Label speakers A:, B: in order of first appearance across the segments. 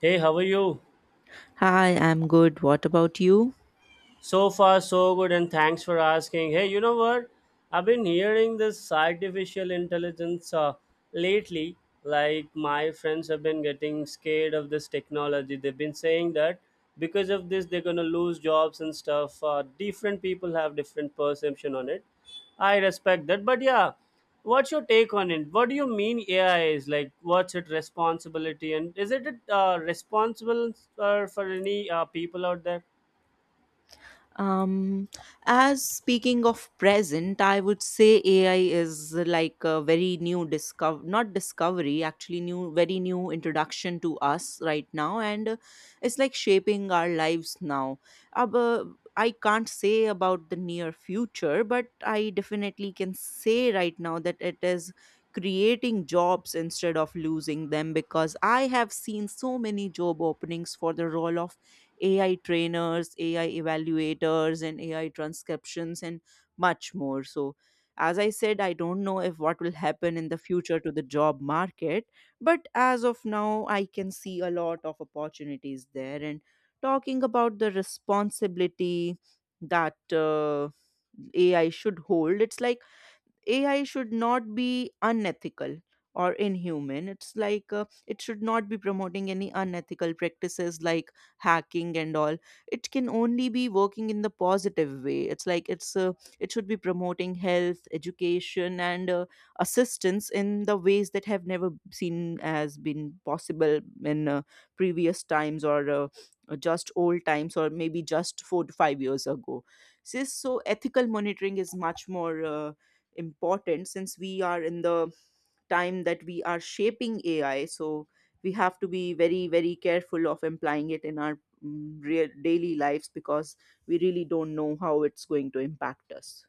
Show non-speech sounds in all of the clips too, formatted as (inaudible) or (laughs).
A: Hey, how are you?
B: Hi, I'm good. What about you?
A: So far, so good, and thanks for asking. Hey, you know what? I've been hearing this artificial intelligence lately. Like, my friends have been getting scared of this technology. They've been saying that because of this, they're going to lose jobs and stuff. Different people have different perception on it. I respect that. But yeah, what's your take on it? What do you mean AI is? Like, what's its responsibility? And is it responsible for any people out there?
B: Um, as speaking of present, I would say AI is like a very new discover, not discovery, actually new introduction to us right now, and it's like shaping our lives now. Ab- uh, I can't say about the near future, but I definitely can say right now that it is creating jobs instead of losing them because I have seen so many job openings for the role of AI trainers, AI evaluators, and AI transcriptions, and much more. So, as I said, I don't know if what will happen in the future to the job market, but as of now, I can see a lot of opportunities there. And talking about the responsibility that AI should hold, it's like AI should not be unethical or inhuman. It's like it should not be promoting any unethical practices like hacking and all. It can only be working in the positive way. It's like it's It should be promoting health, education, and assistance in the ways that have never seen as been possible in previous times or just old times or maybe just 4 to 5 years ago. So ethical monitoring is much more, important since we are in the time that we are shaping AI. So we have to be very, very careful of implying it in our real daily lives because we really don't know how it's going to impact us.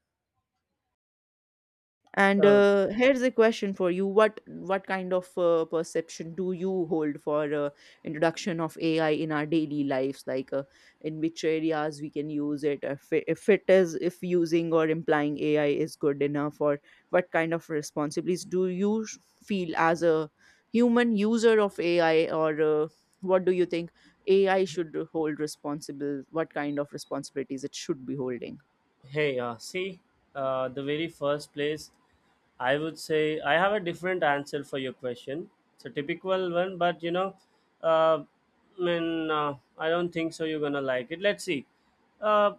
B: And
A: Uh,
B: here's a question for you: What kind of perception do you hold for introduction of AI in our daily lives? Like, in which areas we can use it? If it, if it is if using or implying AI is good enough, or what kind of responsibilities do you feel as a human user of AI? Or what do you think AI should hold responsible? What kind of responsibilities it should be holding?
A: hey, see, the very first place, I would say I have a different answer for your question. It's a typical one, but you know, uh, I mean, I don't think so. You're gonna like it. Let's see. Uh,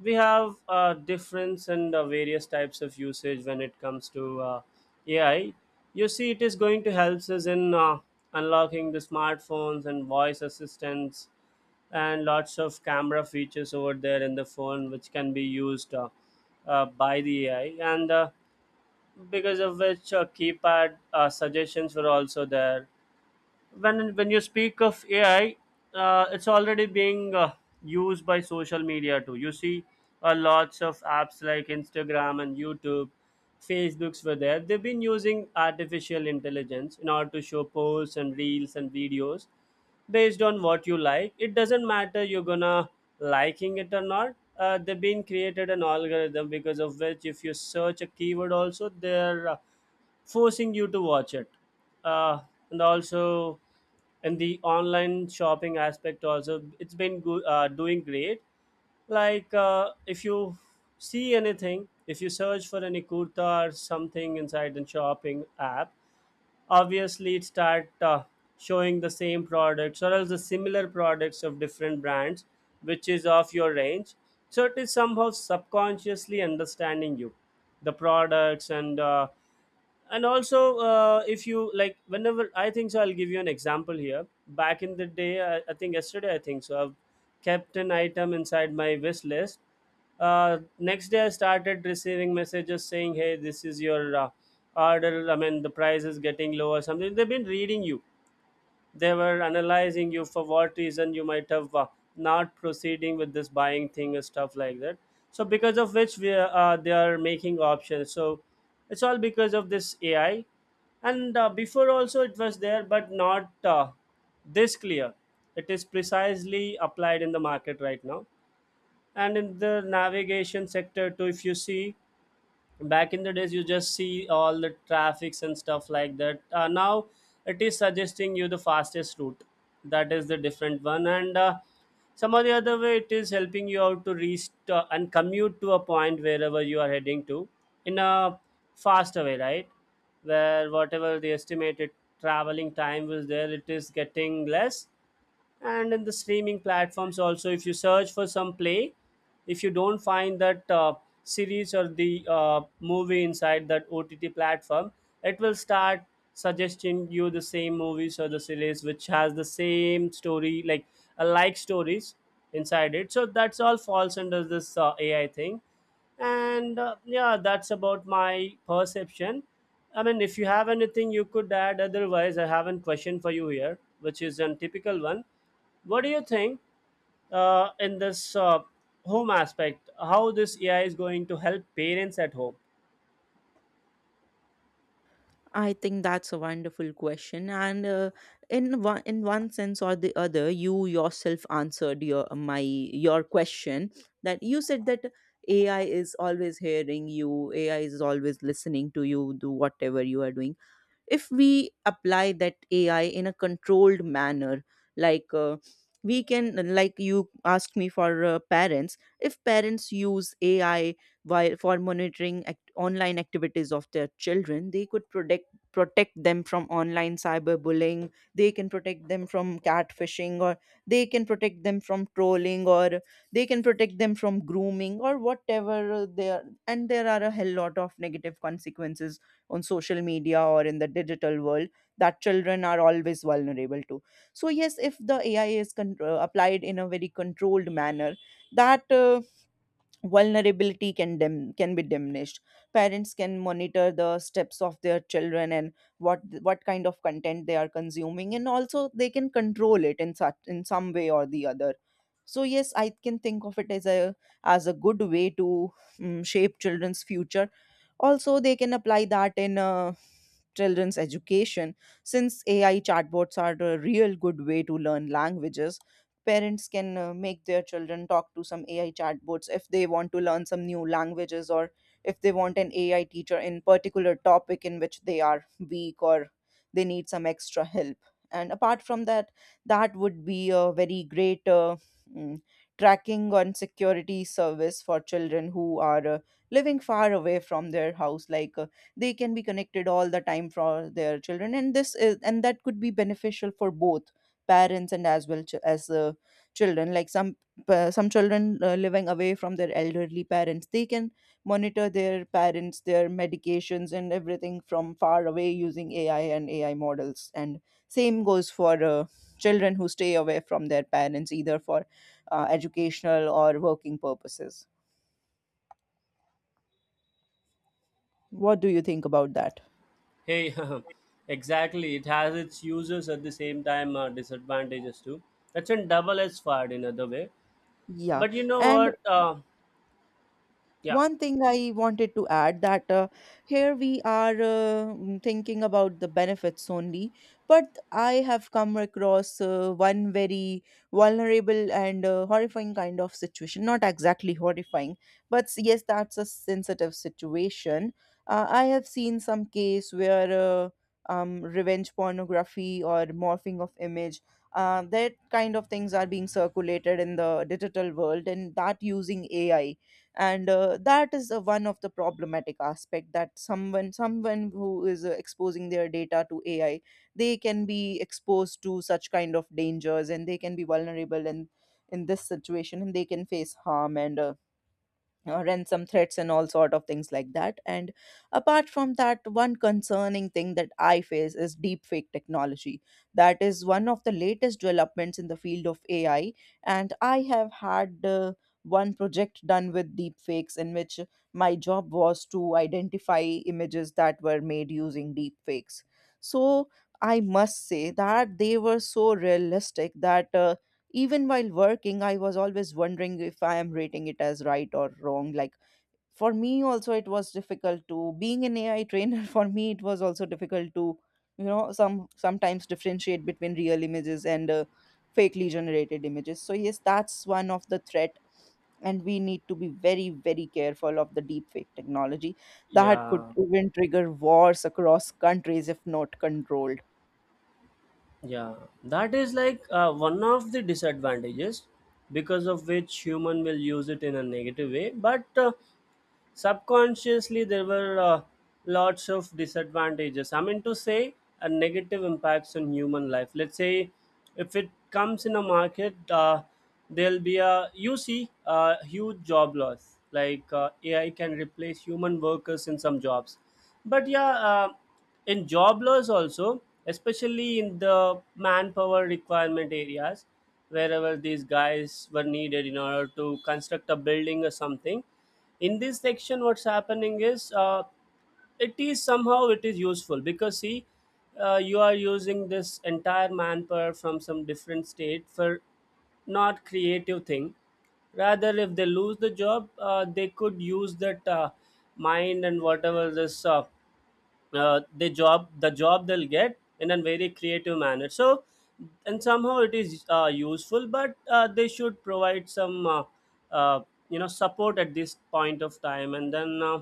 A: we have difference and various types of usage when it comes to AI. You see, it is going to help us in unlocking the smartphones and voice assistants and lots of camera features over there in the phone which can be used by the ai, and because of which keypad suggestions were also there. When you speak of AI, it's already being used by social media too. You see, lots of apps like Instagram and YouTube, Facebooks were there. They've been using artificial intelligence in order to show posts and reels and videos based on what you like. It doesn't matter you're gonna liking it or not. They've been created an algorithm because of which if you search a keyword also there forcing you to watch it, uh, and also in the online shopping aspect also it's been good, doing great. Like if you see anything, if you search for any kurta or something inside the shopping app, obviously it start showing the same products or else the similar products of different brands which is of your range. So it is somehow subconsciously understanding you the products, and also if you like. Whenever I think so, I'll give you an example here. Back in the day I think yesterday, I think so I've kept an item inside my wish list. Next day I started receiving messages saying hey, this is your order, I mean the price is getting low or something. They've been reading you, they were analyzing you for what reason you might have not proceeding with this buying thing and stuff like that. So because of which they are making options, so it's all because of this ai. And before also it was there, but not this clear. It is precisely applied in the market right now. And in the navigation sector too, if you see, back in the days you just see all the traffics and stuff like that. Now it is suggesting you the fastest route, that is the different one. And some of the other way it is helping you out to reach to, and commute to a point wherever you are heading to in a faster way, right? Where whatever the estimated traveling time was there, it is getting less. And in the streaming platforms also, if you search for some play, if you don't find that series or the movie inside that ott platform, it will start suggesting you the same movies or the series which has the same story, like a like stories inside it. So that's all falls under this ai thing. And yeah, that's about my perception. I mean, if you have anything you could add, otherwise I have a question for you here which is a typical one. What do you think, in this home aspect? How this AI is going to help parents at home?
B: I think that's a wonderful question, and in one sense or the other, you yourself answered your question that you said that AI is always hearing you, AI is always listening to you, do whatever you are doing. If we apply that AI in a controlled manner, like we can, like you asked me, for parents, if parents use AI while for monitoring online activities of their children, they could protect them from online cyberbullying, they can protect them from catfishing, or they can protect them from trolling, or they can protect them from grooming, or whatever they are. And there are a hell lot of negative consequences on social media or in the digital world that children are always vulnerable to. So yes, if the AI is applied in a very controlled manner, that vulnerability can can be diminished. Parents can monitor the steps of their children and what kind of content they are consuming, and also they can control it in such in some way or the other. So yes, I can think of it as a good way to shape children's future. Also, they can apply that in children's education, since AI chatbots are a real good way to learn languages. Parents can make their children talk to some AI chatbots if they want to learn some new languages, or if they want an AI teacher in particular topic in which they are weak or they need some extra help. And apart from that, that would be a very great mm, tracking and security service for children who are living far away from their house. Like they can be connected all the time for their children, and this is and that could be beneficial for both parents and as well as children. Like some some children living away from their elderly parents, they can monitor their parents, their medications and everything from far away using AI and AI models. And same goes for children who stay away from their parents either for educational or working purposes. What do you think about that?
A: Hey, (laughs) exactly. It has its uses, at the same time disadvantages too. It's a double-edged sword in other way.
B: Yeah,
A: But you know
B: and
A: what? Yeah,
B: one thing I wanted to add that here we are thinking about the benefits only, but I have come across one very vulnerable and horrifying kind of situation. Not exactly horrifying, but yes, that's a sensitive situation. I have seen some case where revenge pornography or morphing of image. That kind of things are being circulated in the digital world, and that using AI. And that is one of the problematic aspect that someone who is exposing their data to AI, they can be exposed to such kind of dangers, and they can be vulnerable in this situation, and they can face harm and ransom threats and all sort of things like that. And apart from that, one concerning thing that I face is deepfake technology. That is one of the latest developments in the field of AI, and I have had one project done with deepfakes in which my job was to identify images that were made using deepfakes. So I must say that they were so realistic that even while working, I was always wondering if I am rating it as right or wrong. Like, for me also, it was difficult to being an AI trainer. (laughs) For me, it was also difficult to, you know, sometimes differentiate between real images and fakely generated images. So yes, that's one of the threat, and we need to be very, very careful of the deepfake technology that could
A: yeah,
B: even trigger wars across countries if not controlled.
A: yeah. That is like one of the disadvantages because of which human will use it in a negative way. But subconsciously there were lots of disadvantages, I mean to say a negative impacts on human life. Let's say if it comes in a market, there'll be a, you see, a huge job loss, like ai can replace human workers in some jobs. But yeah, in job loss also, especially in the manpower requirement areas wherever these guys were needed in order to construct a building or something. In this section what's happening is, it is somehow, it is useful, because see, you are using this entire manpower from some different state for not creative thing, rather if they lose the job, they could use that mind and whatever this the job they'll get in a very creative manner. So and somehow it is useful, but they should provide some uh, support at this point of time. And then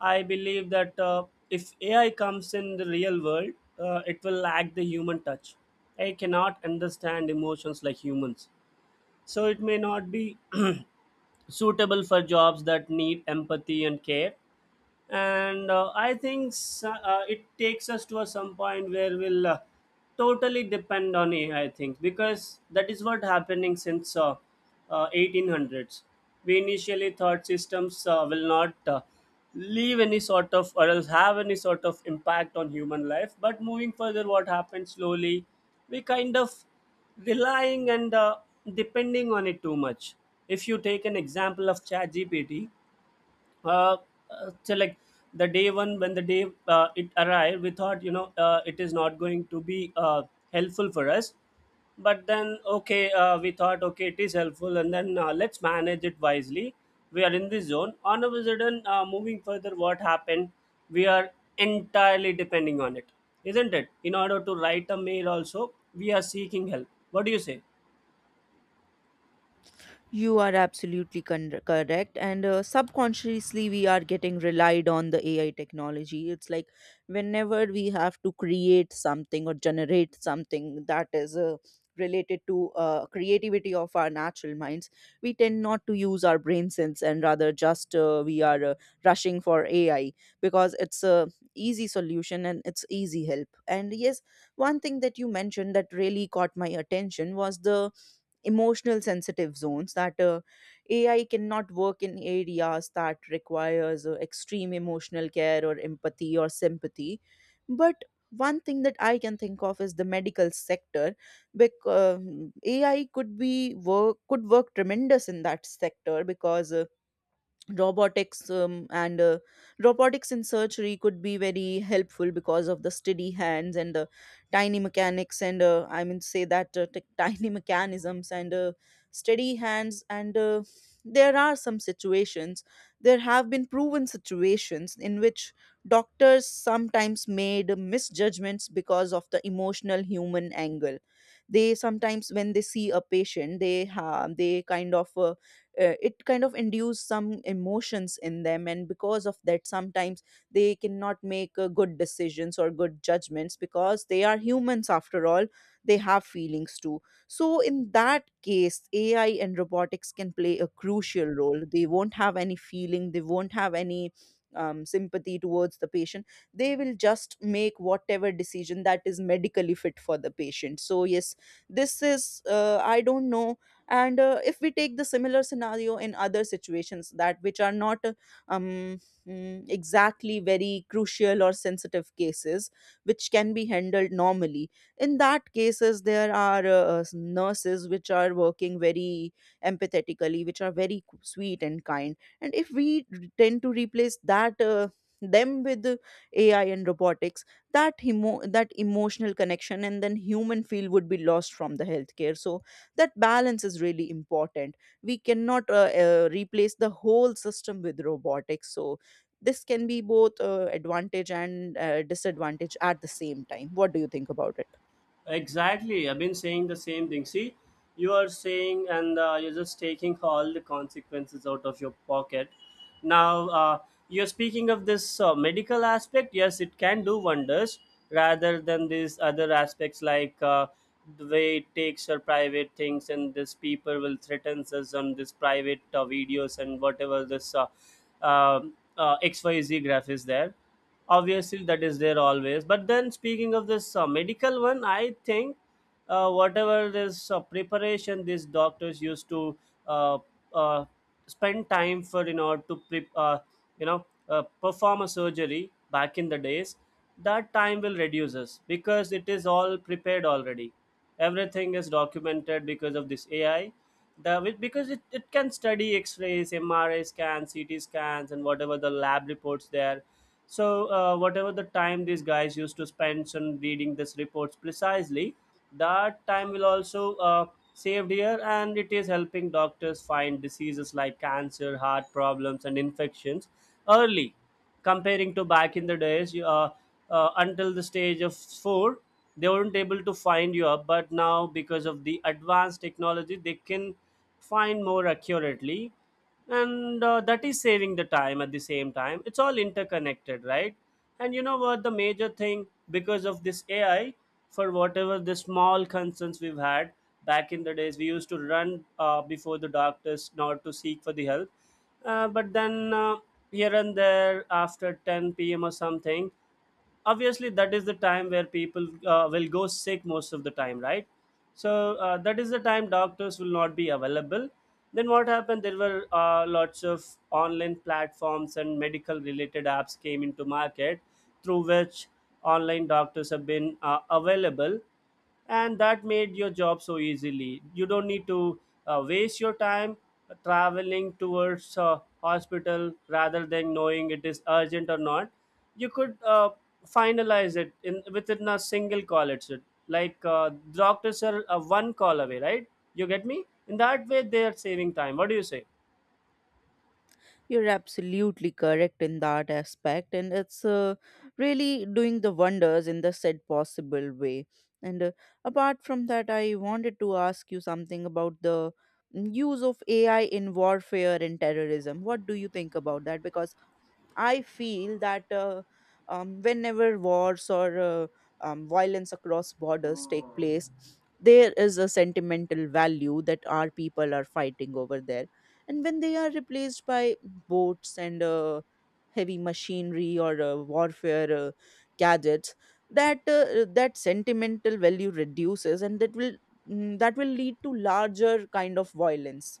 A: I believe that if ai comes in the real world, it will lack the human touch. AI cannot understand emotions like humans, so it may not be (clears throat) suitable for jobs that need empathy and care. And I think it takes us to a some point where we'll totally depend on ai, I think, because that is what happening since 1800s. We initially thought systems will not leave any sort of, or else have any sort of impact on human life. But moving further what happens slowly, we kind of relying and depending on it too much. If you take an example of chat gpt, uh, so like the day one, when the day it arrived, we thought, it is not going to be helpful for us. But then okay, we thought okay it is helpful, and then let's manage it wisely. We are in this zone. On a sudden, moving further what happened, we are entirely depending on it, isn't it? In order to write a mail also, we are seeking help, what do you say?
B: You are absolutely correct. And subconsciously, we are getting relied on the AI technology. It's like whenever we have to create something or generate something that is related to creativity of our natural minds, we tend not to use our brain sense and rather just we are rushing for AI because it's a easy solution and it's easy help. And yes, one thing that you mentioned that really caught my attention was the emotional sensitive zones that AI cannot work in areas that requires extreme emotional care or empathy or sympathy. But one thing that I can think of is the medical sector, because AI could work tremendous in that sector because robotics and robotics in surgery could be very helpful because of the steady hands and the tiny mechanics and I mean to say that (laughs) tiny mechanisms and steady hands and there are some situations there have been proven situations in which doctors sometimes made misjudgments because of the emotional human angle. They sometimes, when they see a patient, they kind of it kind of induce some emotions in them, and because of that, sometimes they cannot make good decisions or good judgments because they are humans after all. They have feelings too. So in that case, AI and robotics can play a crucial role. They won't have any feeling, they won't have any sympathy towards the patient, they will just make whatever decision that is medically fit for the patient. So yes, this is I don't know. And if we take the similar scenario in other situations that which are not um, exactly very crucial or sensitive cases, which can be handled normally, in that cases there are nurses which are working very empathetically, which are very sweet and kind, and if we tend to replace that them with AI and robotics, that that emotional connection and then human feel would be lost from the healthcare. So that balance is really important. We cannot replace the whole system with robotics. So this can be both advantage and disadvantage at the same time. What do you think about it?
A: Exactly. I've been saying the same thing. See, you are saying, and you're just taking all the consequences out of your pocket. Now, you're speaking of this medical aspect. Yes, it can do wonders, rather than these other aspects like the way it takes our private things and this people will threaten us on this private videos and whatever this XYZ graph is there. Obviously that is there always, but then speaking of this medical one, I think whatever this preparation these doctors used to uh, uh, spend time for in order to perform a surgery back in the days, that time will reduce us because it is all prepared already. Everything is documented because of this ai, because it can study x-rays, mri scans, ct scans, and whatever the lab reports there. So, whatever the time these guys used to spend on reading these reports precisely, that time will also saved here, and it is helping doctors find diseases like cancer, heart problems, and infections early, comparing to back in the days. Until the stage of four, they weren't able to find you up, but now because of the advanced technology, they can find more accurately. And that is saving the time, at the same time it's all interconnected, right? And you know what, the major thing because of this ai, for whatever the small concerns we've had, back in the days we used to run before the doctors not to seek for the help. But then, here and there after 10 p.m. or something, obviously that is the time where people will go sick most of the time, right? So that is the time doctors will not be available. Then what happened? There were lots of online platforms and medical related apps came into market through which online doctors have been available, and that made your job so easily. You don't need to waste your time traveling towards a hospital rather than knowing it is urgent or not. You could finalize it in within a single call. It's it Like doctors are one call away, right? You get me? In that way they are saving time, what do you say?
B: You're absolutely correct in that aspect, and it's really doing the wonders in the said possible way. And apart from that, I wanted to ask you something about the use of AI in warfare and terrorism. What do you think about that? Because I feel that whenever wars or violence across borders take place, there is a sentimental value that our people are fighting over there. And when they are replaced by boats and heavy machinery or warfare gadgets, that sentimental value reduces, and that will that will lead to larger kind of violence.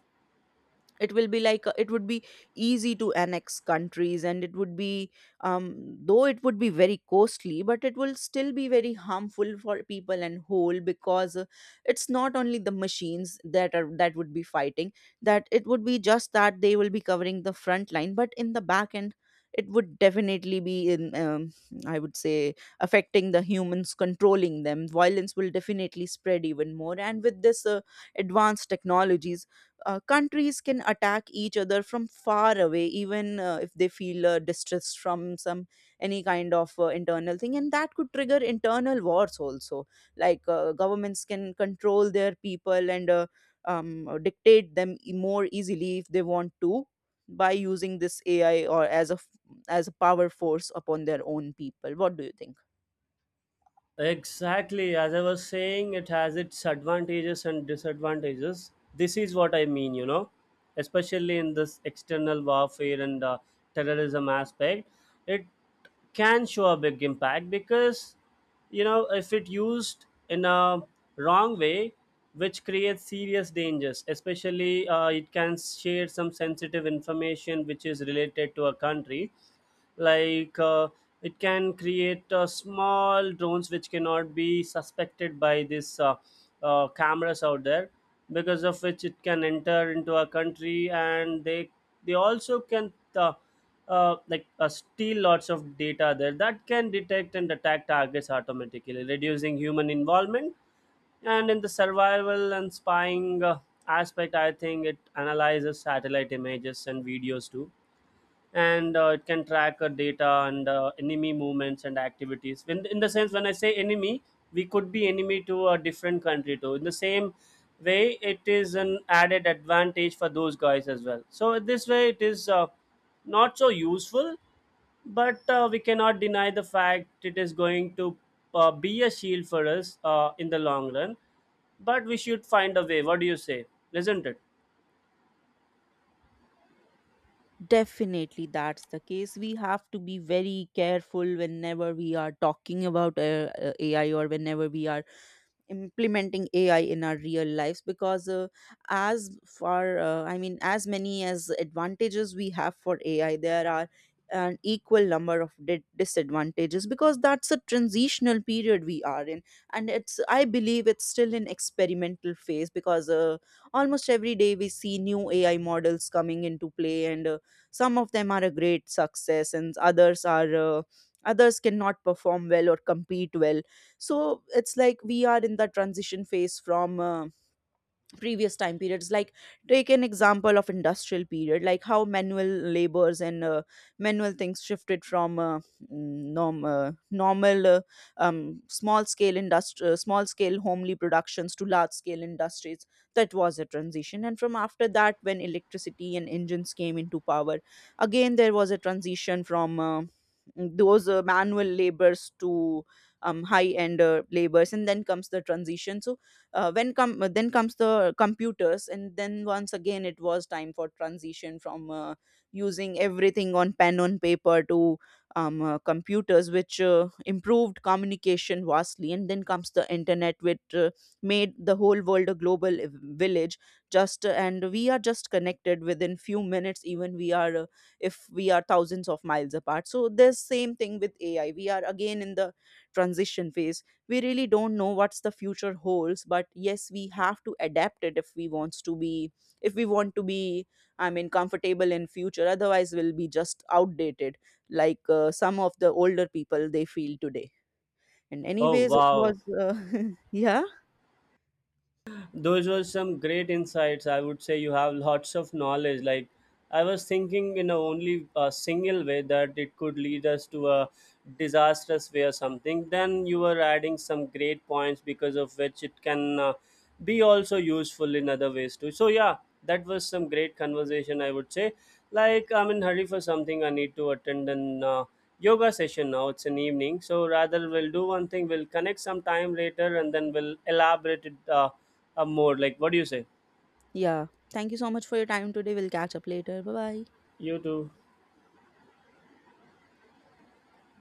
B: It will be like it would be easy to annex countries, and it would be though it would be very costly, but it will still be very harmful for people and whole, because it's not only the machines that would be fighting, that it would be just that they will be covering the front line, but in the back end, it would definitely be in I would say affecting the humans controlling them. Violence will definitely spread even more, and with this advanced technologies, countries can attack each other from far away, even if they feel distress from some any kind of internal thing, and that could trigger internal wars also. Like governments can control their people and dictate them more easily if they want to, by using this AI or as a as a power force upon their own people. What do you think?
A: Exactly. As I was saying, it has its advantages and disadvantages. This is what I mean, especially in this external warfare and terrorism aspect. It can show a big impact because, if it used in a wrong way, which creates serious dangers. Especially it can share some sensitive information which is related to a country, like it can create small drones which cannot be suspected by these cameras out there, because of which it can enter into a country, and they also can like steal lots of data there, that can detect and attack targets automatically, reducing human involvement. And in the survival and spying aspect, I think it analyzes satellite images and videos too. And it can track data and enemy movements and activities. When, in the sense, when I say enemy, we could be enemy to a different country too in the same way. It is an added advantage for those guys as well, so this way it is not so useful, but we cannot deny the fact it is going to be a shield for us in the long run. But we should find a way, what do you say, isn't it?
B: Definitely, that's the case. We have to be very careful whenever we are talking about AI, or whenever we are implementing AI in our real lives, because as far I mean, as many as advantages we have for AI, there are an equal number of disadvantages, because that's a transitional period we are in. And it's, I believe it's still in experimental phase, because almost every day we see new AI models coming into play, and some of them are a great success and others are others cannot perform well or compete well. So it's like we are in the transition phase from previous time periods. Like, take an example of industrial period, like how manual labors and manual things shifted from normal small scale industry, small scale homely productions to large scale industries. That was a transition. And from after that, when electricity and engines came into power, again there was a transition from those manual labors to high end labors, and then comes the transition. So when come then comes the computers, and then once again it was time for transition from using everything on pen on paper to computers, which improved communication vastly. And then comes the internet, which made the whole world a global village. Just uh, and we are just connected within few minutes, even we are if we are thousands of miles apart. So this same thing with AI, we are again in the transition phase. We really don't know what's the future holds, but yes, we have to adapt it if we wants to be if we want to be, I mean, comfortable in future, otherwise we'll be just outdated, like some of the older people they feel today. And
A: Oh
B: anyways, it
A: wow,
B: was (laughs) yeah.
A: those were some great insights, I would say. You have lots of knowledge. Like, I was thinking in a only a single way that it could lead us to a disastrous way or something. Then you were adding some great points because of which it can be also useful in other ways too, so yeah. That was some great conversation, I would say. Like, I'm in hurry for something, I need to attend an yoga session now, it's an evening. So rather, we'll do one thing, we'll connect some time later and then we'll elaborate it more like, what do you say?
B: Yeah, thank you so much for your time today. We'll catch up later. Bye bye.
A: You too.